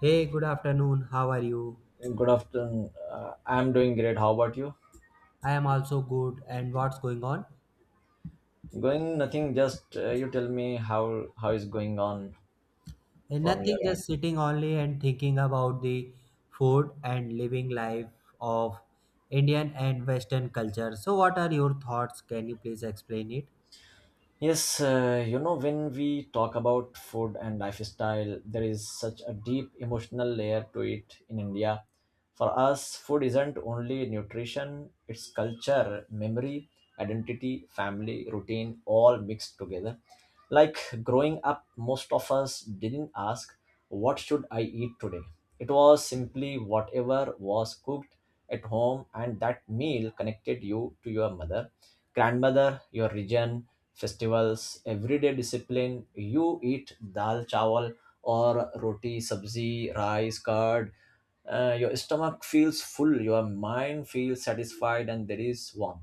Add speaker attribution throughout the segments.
Speaker 1: Hey, good afternoon. How are you?
Speaker 2: Good afternoon. I'm doing great. How about you?
Speaker 1: I am also good. And what's going on?
Speaker 2: Going nothing. Just you tell me how is going on
Speaker 1: Eh,
Speaker 2: from your
Speaker 1: nothing, just
Speaker 2: end.
Speaker 1: sitting only and thinking about the food and living life of Indian and Western culture. So, what are your thoughts? Can you please explain it?
Speaker 2: Yes, when we talk about food and lifestyle, there is such a deep emotional layer to it in India. For us, food isn't only nutrition, it's culture, memory, identity, family, routine, all mixed together. Like growing up, most of us didn't ask, what should I eat today? It was simply whatever was cooked at home, and that meal connected you to your mother, grandmother, your region, festivals, everyday discipline. You eat dal chawal or roti, sabzi, rice, curd. Your stomach feels full, your mind feels satisfied, and there is warmth.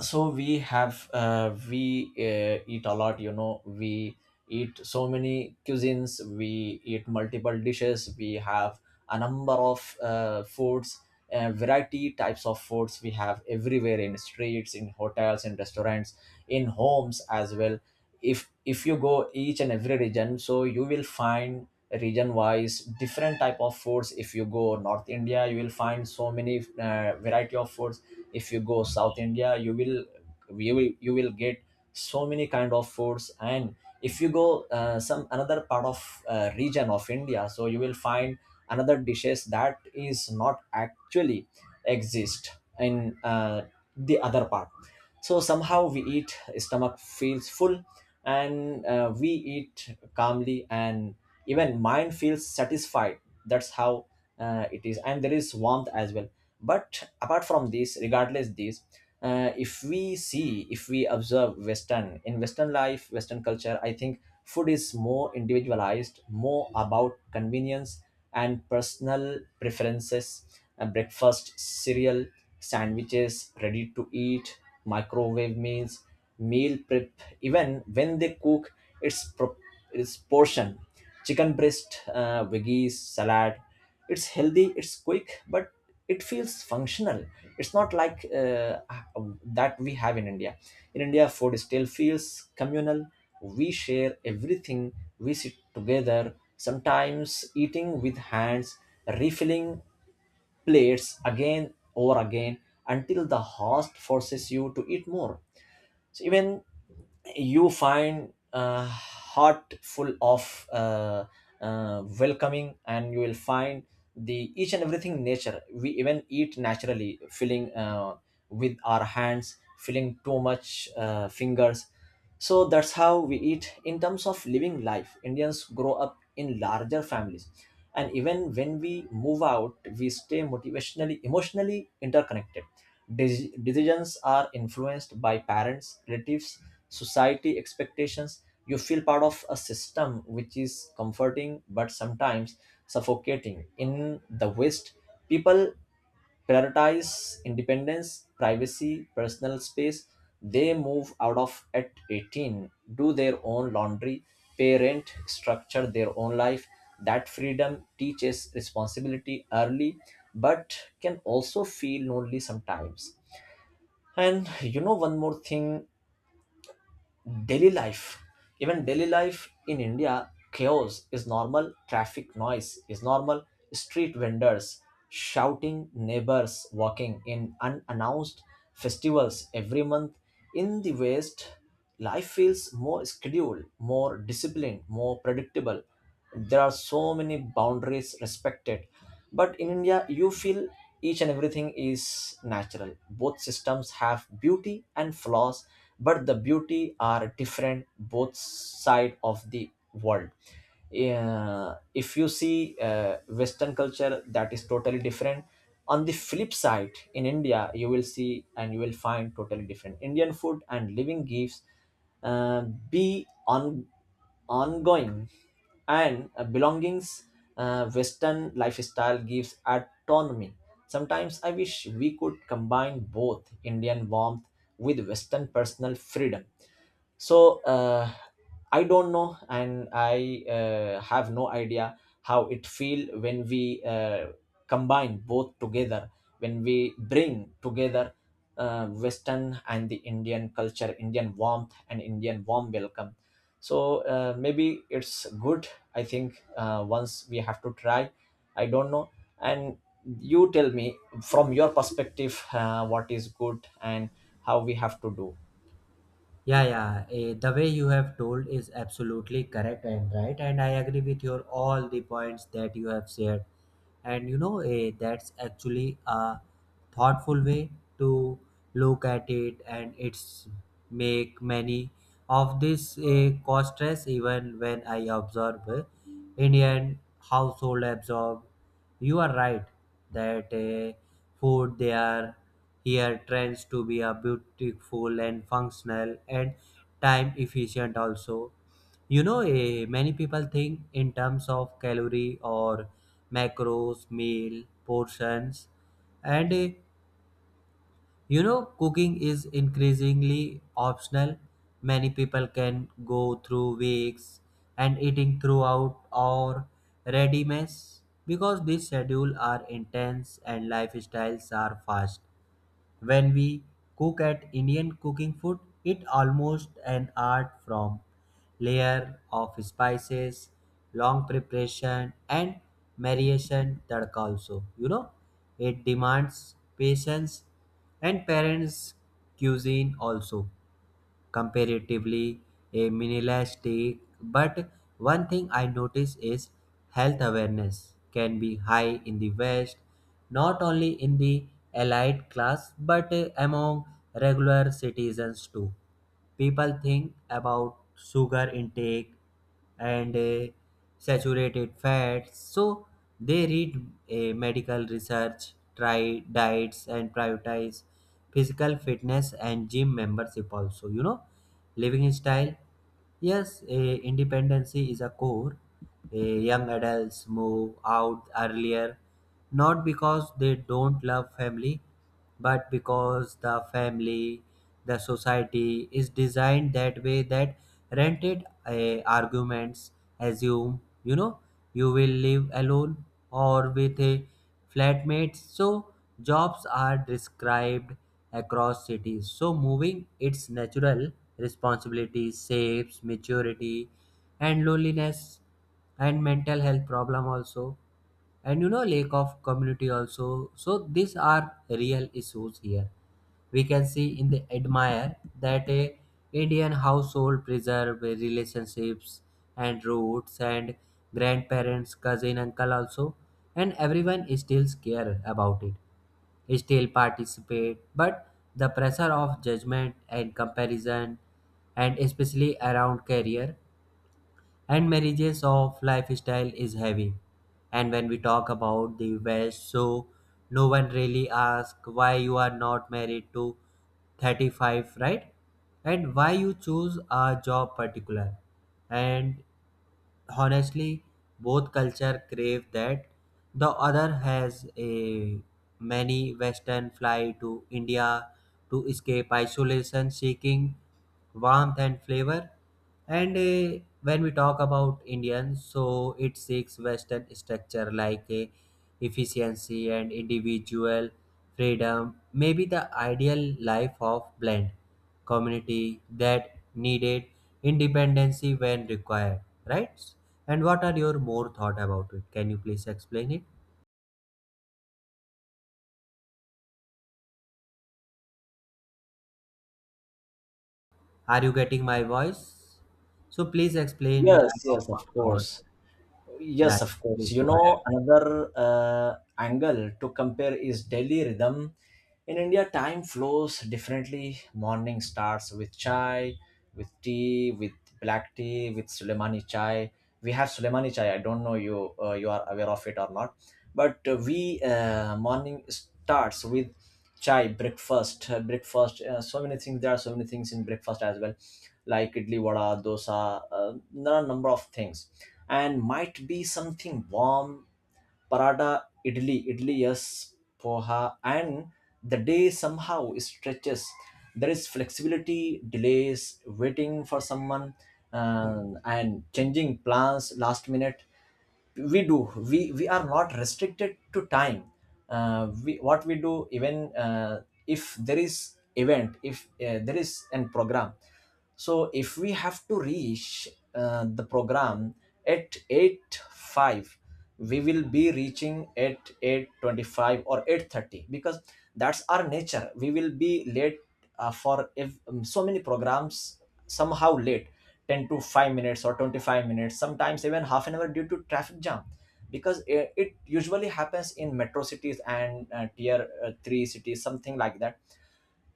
Speaker 2: So we have we eat a lot, you know, we eat so many cuisines, we eat multiple dishes, we have a number of foods, variety types of foods we have everywhere, in streets, in hotels, in restaurants, in homes as well. If you go each and every region, so you will find region wise different type of foods. If you go north india, you will find so many variety of foods. If you go south india, you will you will get so many kind of foods. And if you go some another part of region of india, so you will find another dishes that is not actually exist in the other part. So somehow we eat, stomach feels full, and we eat calmly, and even mind feels satisfied. That's how it is, and there is warmth as well. But apart from this, regardless this, if we see, if we observe western, in western life, western culture, I think food is more individualized, more about convenience and personal preferences. Breakfast cereal, sandwiches, ready to eat, microwave meals, meal prep. Even when they cook, it's pro- it's portion, chicken breast, veggies salad. It's healthy, it's quick, but it feels functional. It's not like that we have in india. In india, food still feels communal. We share everything, we sit together, sometimes eating with hands, refilling plates again or again, until the host forces you to eat more. So even you find heart full of welcoming, and you will find the each and everything nature. We even eat naturally, filling with our hands, filling too much fingers. So that's how we eat. In terms of living life, indians grow up in larger families, and even when we move out, we stay motivationally, emotionally interconnected. Decisions are influenced by parents, relatives, society expectations. You feel part of a system which is comforting, but sometimes suffocating. In the West, people prioritize independence, privacy, personal space. They move out of at 18, do their own laundry, pay rent, structure their own life. That freedom teaches responsibility early, but can also feel lonely sometimes. And you know, one more thing, daily life, even daily life in India, chaos is normal, traffic noise is normal, street vendors shouting, neighbors walking in unannounced, festivals every month. In the West, life feels more scheduled, more disciplined, more predictable, there are so many boundaries respected. But in india you feel each and everything is natural. Both systems have beauty and flaws, but the beauty are different, both side of the world. Yeah, if you see uh, western culture, that is totally different. On the flip side, in india you will see and you will find totally different indian food and living gifts, uh, be on ongoing and belongings. Western lifestyle gives autonomy. Sometimes I wish we could combine both indian warmth with western personal freedom. So I don't know, and I have no idea how it feel when we combine both together, when we bring together western and the indian culture, indian warmth and indian warm welcome. So maybe it's good. I think once we have to try. I don't know. And you tell me from your perspective, what is good and how we have to do.
Speaker 1: Yeah, yeah. The way you have told is absolutely correct and right, and I agree with your all the points that you have shared. And that's actually a thoughtful way to look at it, and it's make many of this a cost stress even when I observe Indian household absorb. You are right that food they are here trends to be a beautiful and functional and time efficient also. Many people think in terms of calorie or macros, meal, portions, and cooking is increasingly optional. Many people can go through weeks and eating throughout or ready meals because these schedules are intense and lifestyles are fast when we cook at Indian cooking food, it almost an art from layer of spices, long preparation and marination tadka also. It demands patience and parents cuisine also comparatively a minimalistic. But one thing I notice is health awareness can be high in the West, not only in the elite class but among regular citizens too. People think about sugar intake and saturated fats, so they read medical research, try diets, and prioritize physical fitness and gym membership also. Living style. Yes. Independency is a core. Young adults move out earlier, not because they don't love family but because the family, the society is designed that way that rented arguments assume you will live alone or with a flatmate, so jobs are described across cities. So, moving its natural responsibility shapes maturity and loneliness and mental health problem also, and lack of community also, so these are real issues here. We can see in the admire that a indian household preserve relationships and roots, and grandparents cousin uncle also, and everyone still care about it, still participate, but the pressure of judgment and comparison, and especially around career and marriages of lifestyle, is heavy. And when we talk about the West, so no one really asks why you are not married to 35, right? And why you choose a job particular. And honestly both culture crave that the other has a many western fly to India to escape isolation seeking warmth and flavor. And when we talk about indians, so it seeks western structure, like efficiency and individual freedom. Maybe the ideal life of blend community that needed independency when required, right? And what are your more thought about it? Can you please explain it? Are you getting my voice? So please explain
Speaker 2: Yes,
Speaker 1: about
Speaker 2: yes, of
Speaker 1: more thought.
Speaker 2: course.
Speaker 1: Yeah,
Speaker 2: Yes, of course.
Speaker 1: please
Speaker 2: You
Speaker 1: go ahead.
Speaker 2: know, another angle to compare is daily rhythm. In India, time flows differently. Morning starts with chai, with tea, with black tea, with Suleimani chai. We have Suleimani chai. I don't know you, you are aware of it or not, but we morning starts with chai, breakfast, so many things, there are so many things in breakfast as well, like idli, vada, dosa, uh, there are number of things, and might be something warm, paratha, idli, yes, poha. And the day somehow stretches, there is flexibility, delays, waiting for someone, um, and changing plans last minute. We do we we are not restricted to time. We what we do, even if there is event, if there is an program, so if we have to reach the program at 8 5, we will be reaching at 8:25 or 8:30, because that's our nature, we will be late for, if so many programs somehow late 10 to 5 minutes or 25 minutes, sometimes even half an hour due to traffic jam, because it usually happens in metro cities and tier 3 cities, something like that.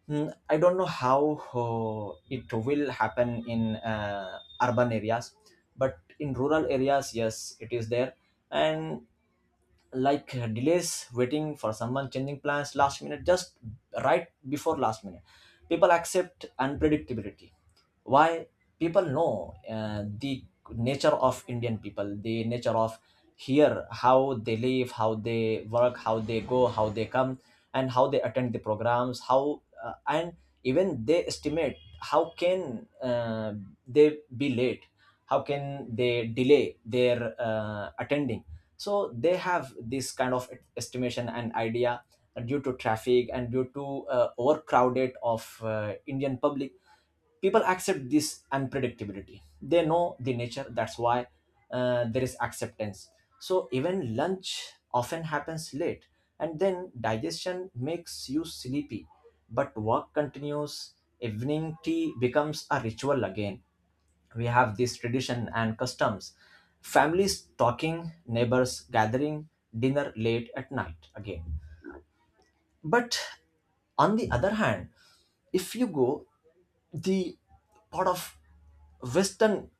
Speaker 2: Hmm, I don't know how it will happen in urban areas, but in rural areas, yes, it is there. And like delays, waiting for someone, changing plans last minute, just right before last minute, people accept unpredictability. Why? People know the nature of indian people, the nature of here, how they live, how they work, how they go, how they come, and how they attend the programs, how and even they estimate how can they be late, how can they delay their attending. So they have this kind of estimation and idea, due to traffic and due to overcrowded of indian public. People accept this unpredictability, they know the nature, that's why there is acceptance. So even lunch often happens late, and then digestion makes you sleepy, but work continues. Evening tea becomes a ritual again, we have this tradition and customs, families talking, neighbors gathering, dinner late at night again. But on the other hand, if you go the part of western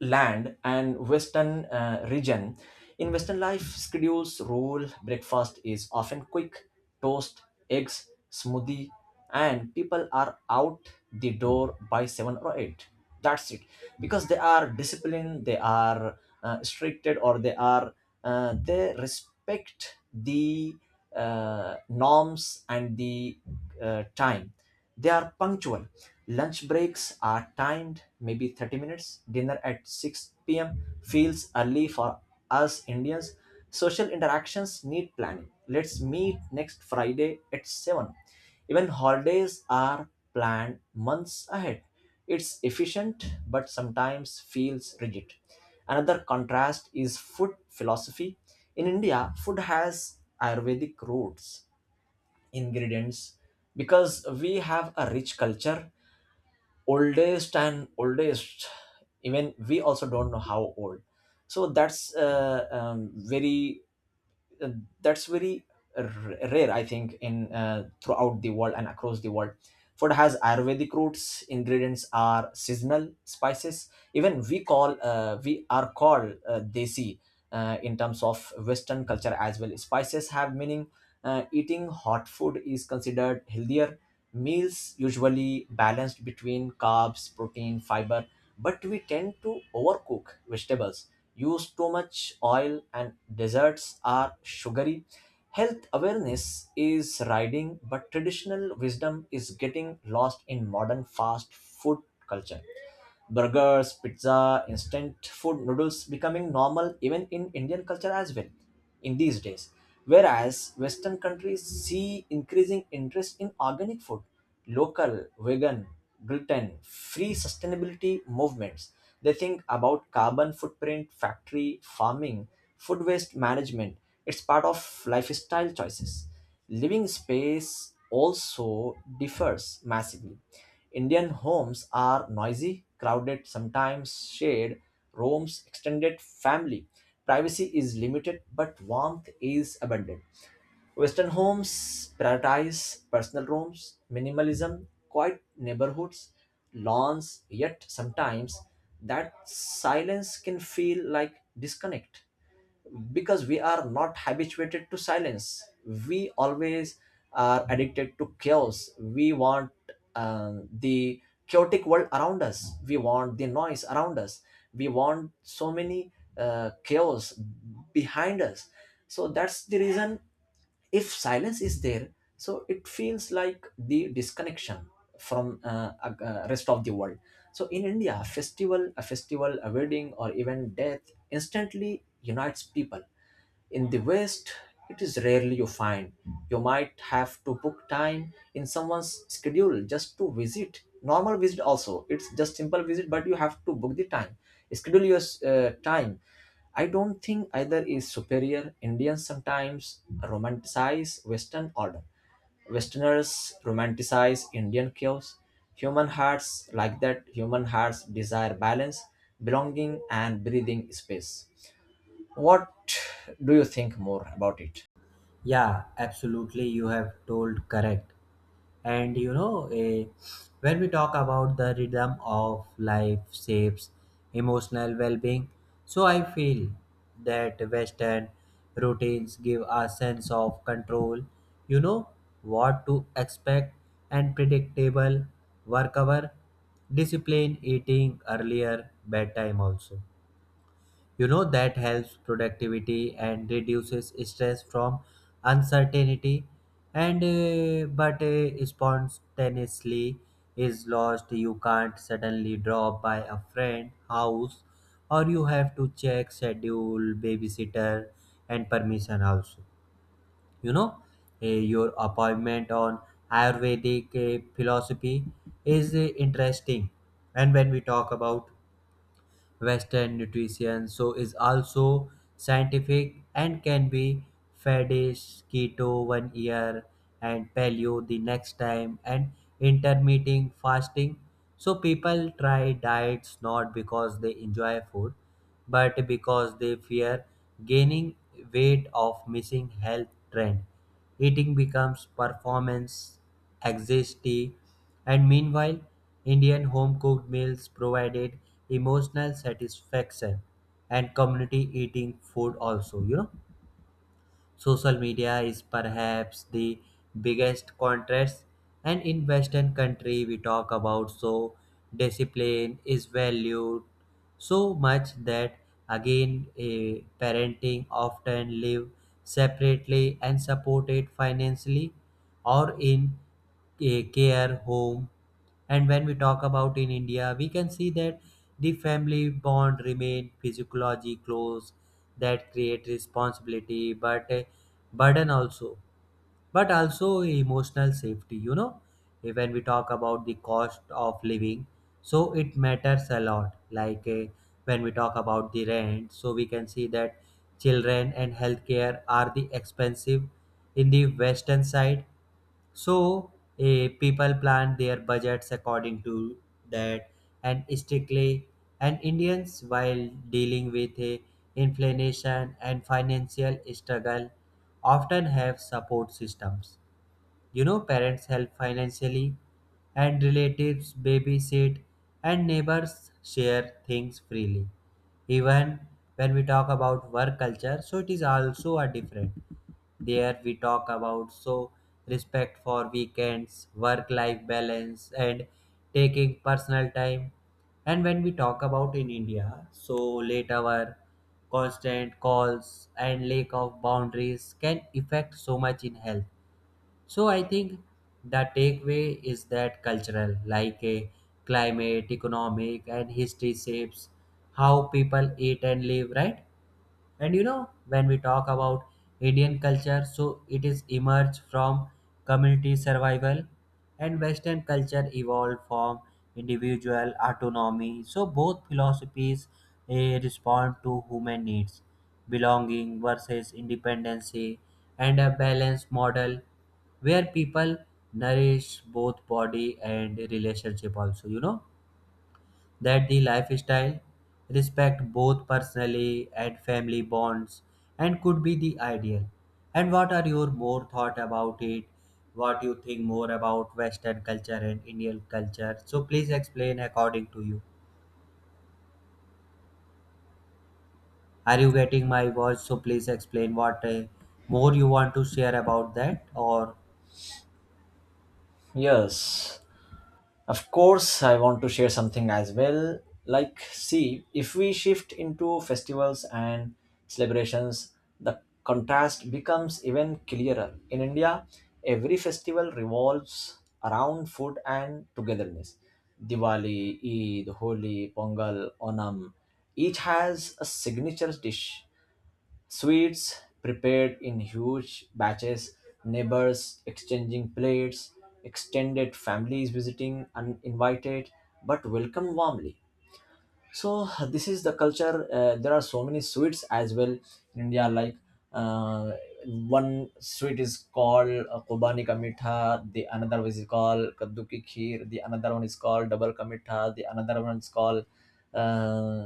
Speaker 2: land and western region, in western life schedules rule. Breakfast is often quick, toast, eggs, smoothie, and people are out the door by 7 or 8, that's it. Because they are disciplined, they are stricted, or they are they respect the norms and the time, they are punctual. Lunch breaks are timed, maybe 30 minutes. Dinner at 6 p.m. feels early for us Indians. Social interactions need planning. Let's meet next Friday at 7. Even holidays are planned months ahead. It's efficient, but sometimes feels rigid. Another contrast is food philosophy. In India, food has Ayurvedic roots, ingredients, because we have a rich culture, oldest and oldest, even we also don't know how old. So that's very uh, that's very r- rare, I think, in throughout the world and across the world. Food has ayurvedic roots, ingredients are seasonal spices, even we call we are called desi in terms of western culture as well, spices have meaning. Eating hot food is considered healthier, meals usually balanced between carbs, protein, fiber, but we tend to overcook vegetables, use too much oil, and desserts are sugary. Health awareness is riding, but traditional wisdom is getting lost in modern fast food culture. Burgers, pizza, instant food, noodles becoming normal even in indian culture as well, in these days. Whereas western countries see increasing interest in organic food, local, vegan, gluten free, sustainability movements. They think about carbon footprint, factory farming, food waste management. It's part of lifestyle choices. Living space also differs massively. Indian homes are noisy, crowded, sometimes shared rooms, extended family. Privacy is limited, but warmth is abundant. Western homes prioritize personal rooms, minimalism, quiet neighborhoods, lawns, yet sometimes that silence can feel like disconnect, because we are not habituated to silence. We always are addicted to chaos, we want the chaotic world around us, we want the noise around us, we want so many chaos behind us. So that's the reason, if silence is there, so it feels like the disconnection from rest of the world. So in india, festival, a festival, a wedding or even death instantly unites people. In the West, it is rarely you find. You might have to book time in someone's schedule just to visit. Normal visit also. It's just simple visit, but you have to book the time. Schedule your time. I don't think either is superior. Indians sometimes romanticize Western order. Westerners romanticize Indian chaos. Human hearts like that. Human hearts desire balance, belonging, and breathing space. What do you think more about it?
Speaker 1: Yeah, absolutely. You have told correct. And when we talk about the rhythm of life shapes emotional well-being, so I feel that Western routines give a sense of control. You know what to expect and predictable work hour, discipline, eating earlier, bedtime also. That helps productivity and reduces stress from uncertainty. And but spontaneously is lost. You can't suddenly drop by a friend house, or you have to check schedule, babysitter, and permission also. You know, uh, your appointment on Ayurvedic philosophy is interesting. And when we talk about Western nutrition. So is also scientific and can be fadist, keto one year and paleo the next time and intermittent fasting. So people try diets not because they enjoy food, but because they fear gaining weight of missing health trend. Eating becomes performance anxiety, and meanwhile, Indian home-cooked meals provided emotional satisfaction and community eating food also. Social media is perhaps the biggest contrast, and in western country we talk about, so discipline is valued so much that again a parenting often live separately and supported financially or in a care home. And when we talk about in India, we can see that the family bond remain physiologically close that create responsibility but a burden also, but also emotional safety. When we talk about the cost of living, so it matters a lot, like when we talk about the rent, so we can see that children and healthcare are the expensive in the western side, so people plan their budgets according to that and strictly, and Indians while dealing with inflation and financial struggle often have support systems, parents help financially, and relatives babysit, and neighbors share things freely. Even when we talk about work culture, so it is also a different. There we talk about so respect for weekends, work life balance, and taking personal time. And when we talk about in India, so late hour, constant calls, and lack of boundaries can affect so much in health. So I think the takeaway is that cultural, like a climate, economic, and history shapes how people eat and live, right? And when we talk about Indian culture, so it is emerged from community survival and Western culture evolved from individual autonomy. So both philosophies respond to human needs, belonging versus independency, and a balanced model where people nourish both body and relationship also, you know that the lifestyle respect both personally and family bonds and could be the ideal. And what are your more thought about it? What you think more about Western culture and Indian culture? So please explain according to you. Are you getting my voice? So please explain what more you want to share about that or.
Speaker 2: Yes, of course, I want to share something as well. Like, see, if we shift into festivals and celebrations, the contrast becomes even clearer. In India, every festival revolves around food and togetherness. Diwali, Eid, Holi, Pongal, Onam, each has a signature dish. Sweets prepared in huge batches, neighbors exchanging plates, extended families visiting uninvited but welcomed warmly. So this is the culture. There are so many sweets as well in india, like, uh, one sweet is called kobani ka mitha, the another one is called kaddu ki kheer, the another one is called double ka mitha, the another one is called uh,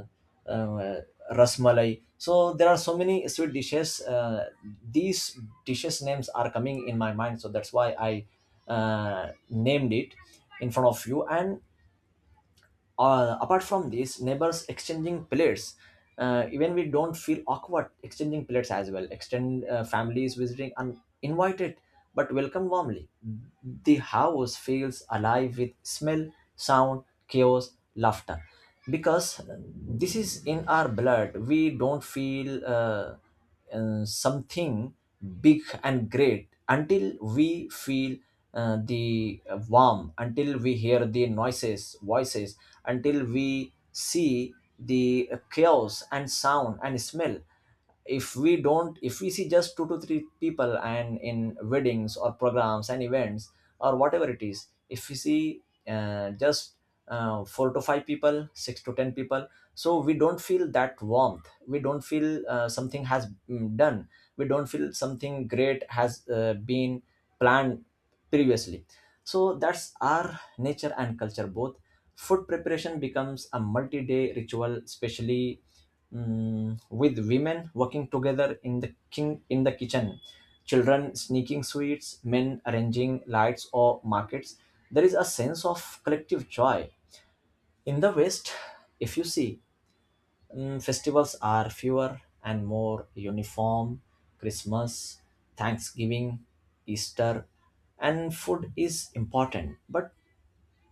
Speaker 2: uh, rasmalai. So there are so many sweet dishes. These dishes names are coming in my mind, so that's why I uh, named it in front of you. And apart from this, neighbors exchanging plates, even we don't feel awkward exchanging plates as well. Extend Families visiting uninvited but welcome warmly. The house feels alive with smell, sound, chaos, laughter, because this is in our blood. We don't feel something big and great until we feel the warm, until we hear the noises, voices, until we see the chaos and sound and smell. If we see just two to three people and in weddings or programs and events or whatever it is, if we see just four to five people, six to ten people. So we don't feel that warmth. We don't feel something has done. We don't feel something great has been planned previously. So that's our nature and culture both. Food preparation becomes a multi-day ritual, especially, with women working together in the kitchen, children sneaking sweets, men arranging lights or markets. There is a sense of collective joy. In the West, if you see, festivals are fewer and more uniform. Christmas, Thanksgiving, Easter, and food is important, but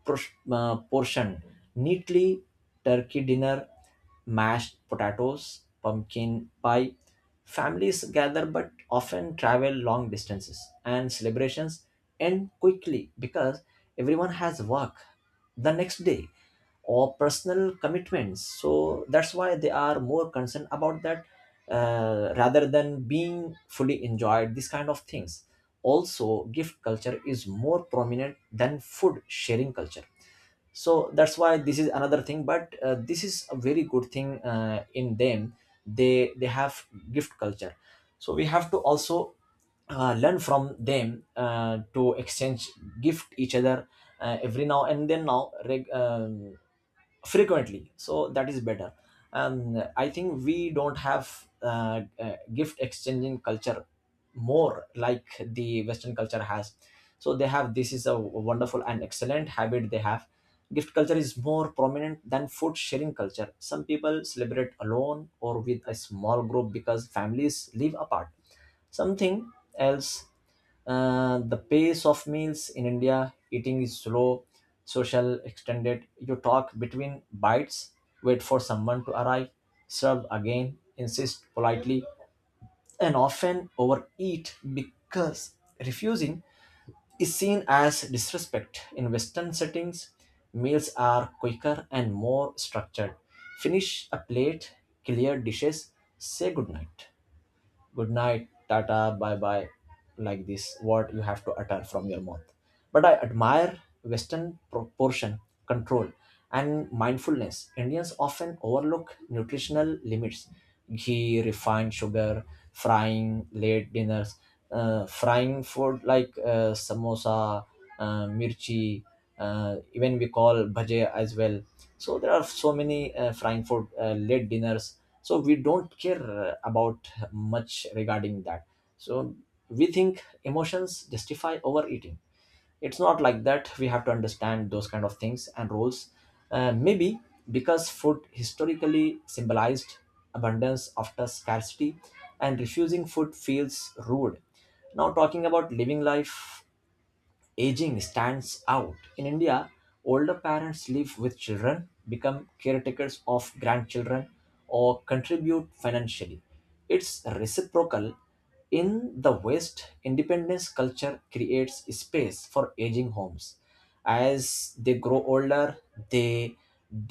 Speaker 2: portioned neatly: turkey dinner, mashed potatoes, pumpkin pie. Families gather but often travel long distances, and celebrations end quickly because everyone has work the next day or personal commitments, so that's why they are more concerned about that, rather than being fully enjoyed these kind of things. Also, gift culture is more prominent than food sharing culture. So that's why this is another thing, but this is a very good thing in them. They have gift culture, so we have to also learn from them to exchange gift each other every now and then now frequently, so that is better. And I think we don't have gift exchanging culture more like the western culture has. So they have, this is a wonderful and excellent habit they have. Gift culture is more prominent than food sharing culture. Some people celebrate alone or with a small group because families live apart, something else. The pace of meals in India, eating is slow, social, extended. You talk between bites, wait for someone to arrive, serve again, insist politely, and often overeat because refusing is seen as disrespect. In Western settings, meals are quicker and more structured. Finish a plate, clear dishes, say good night, tata, bye bye, like this, what you have to utter from your mouth. But I admire Western proportion, control, and mindfulness. Indians often overlook nutritional limits: ghee, refined sugar, frying, late dinners, frying food like samosa, mirchi, even we call bhaje as well. So there are so many frying for late dinners, so we don't care about much regarding that. So we think emotions justify overeating. It's not like that, we have to understand those kind of things and rules, maybe because food historically symbolized abundance after scarcity, and refusing food feels rude. Now talking about living life, aging stands out. In India, older parents live with children, become caretakers of grandchildren, or contribute financially. It's reciprocal. In the West, independence culture creates space for aging homes. As they grow older, they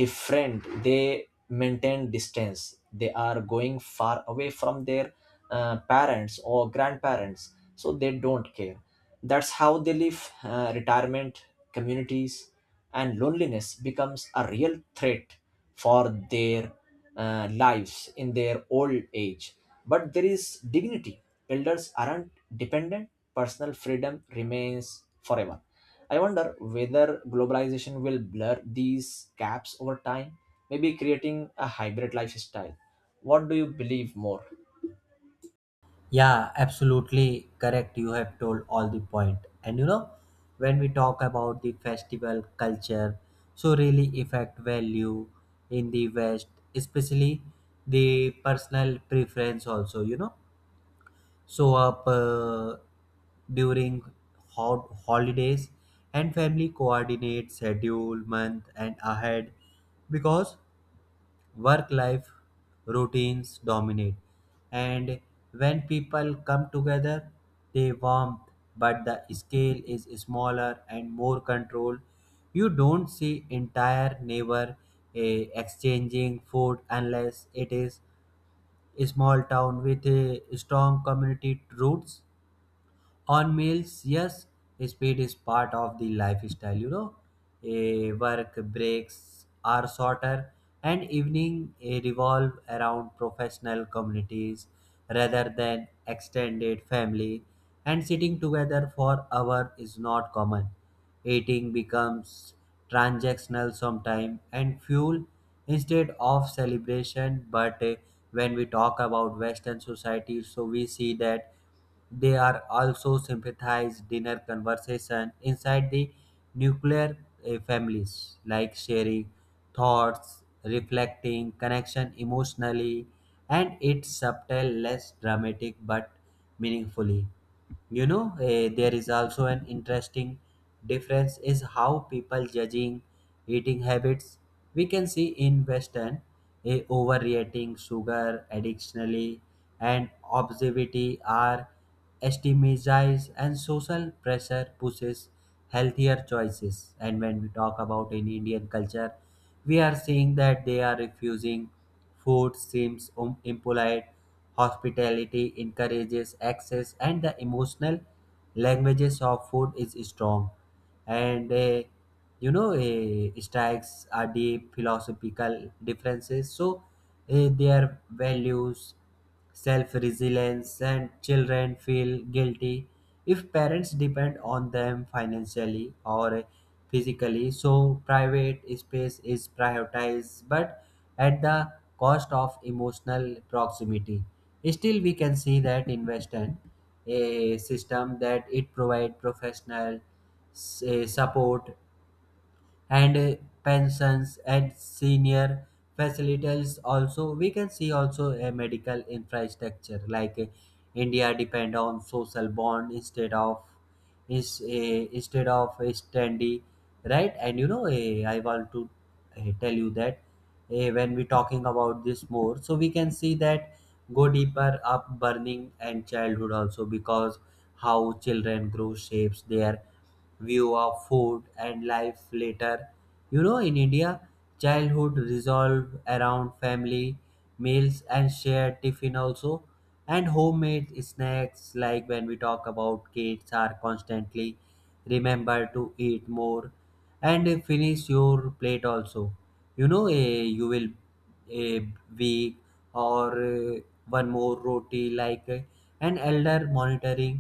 Speaker 2: different, they maintain distance, they are going far away from their parents or grandparents, so they don't care. That's how they live. Retirement communities, and loneliness becomes a real threat for their lives in their old age. But there is dignity, elders aren't dependent, personal freedom remains forever. I wonder whether globalization will blur these gaps over time, maybe creating a hybrid lifestyle. What do you believe more?
Speaker 1: Yeah, absolutely correct. You have told all the point. And when we talk about the festival culture, so really affect value in the West, especially the personal preference also, show up during hot holidays, and family coordinate schedule month and ahead because work life routines dominate, and when people come together they warm, but the scale is smaller and more controlled. You don't see entire neighbor exchanging food unless it is a small town with a strong community roots on meals. Yes, speed is part of the lifestyle, a work breaks are shorter, and evening revolve around professional communities rather than extended family, and sitting together for hour is not common. Eating becomes transactional sometime and fuel instead of celebration, but when we talk about western society, so we see that they are also sympathize dinner conversation inside the nuclear families, like sharing thoughts, reflecting, connection emotionally, and it's subtle, less dramatic, but meaningfully. There is also an interesting difference is how people judging eating habits. We can see in western a overeating sugar addictionally and obesity are stigmatized, and social pressure pushes healthier choices. And when we talk about in indian culture, we are seeing that they are refusing food seems impolite. Hospitality encourages access, and the emotional languages of food is strong. And strikes are deep philosophical differences. So their values, self resilience, and children feel guilty if parents depend on them financially or physically. So, private space is prioritized but at the cost of emotional proximity. Still, we can see that invest in a system that it provide professional support and pensions and senior facilities. Also we can see also a medical infrastructure, like india depend on social bond instead of is a instead of a standy, right? And I want to tell you that when we talking about this more, so we can see that go deeper up burning and childhood also because how children grow shapes their view of food and life later. In India, childhood resolved around family meals and shared tiffin also, and homemade snacks, like when we talk about kids are constantly remember to eat more and finish your plate also. You will a week or one more roti, like an elder monitoring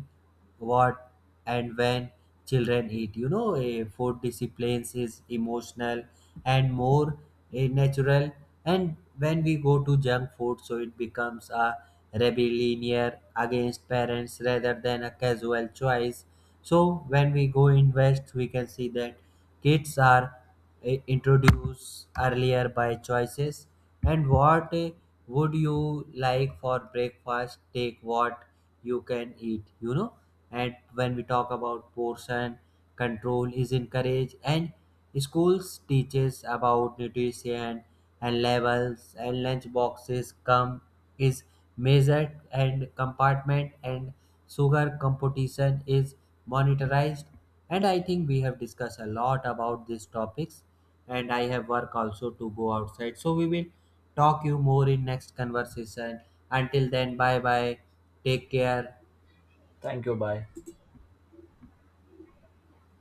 Speaker 1: what and when children eat. A food disciplines is emotional and more a natural. And when we go to junk food, so it becomes a rebellion against parents rather than a casual choice. So when we go in west, we can see that kids are introduced earlier by choices. And what would you like for breakfast? Take what you can eat. And when we talk about portion control is encouraged, and schools teaches about nutrition and levels, and lunch boxes come is measured and compartment, and sugar competition is monetized. And I think we have discussed a lot about these topics, and I have work also to go outside, so we will talk you more in next conversation. Until then, bye bye, take care.
Speaker 2: Thank you. Bye.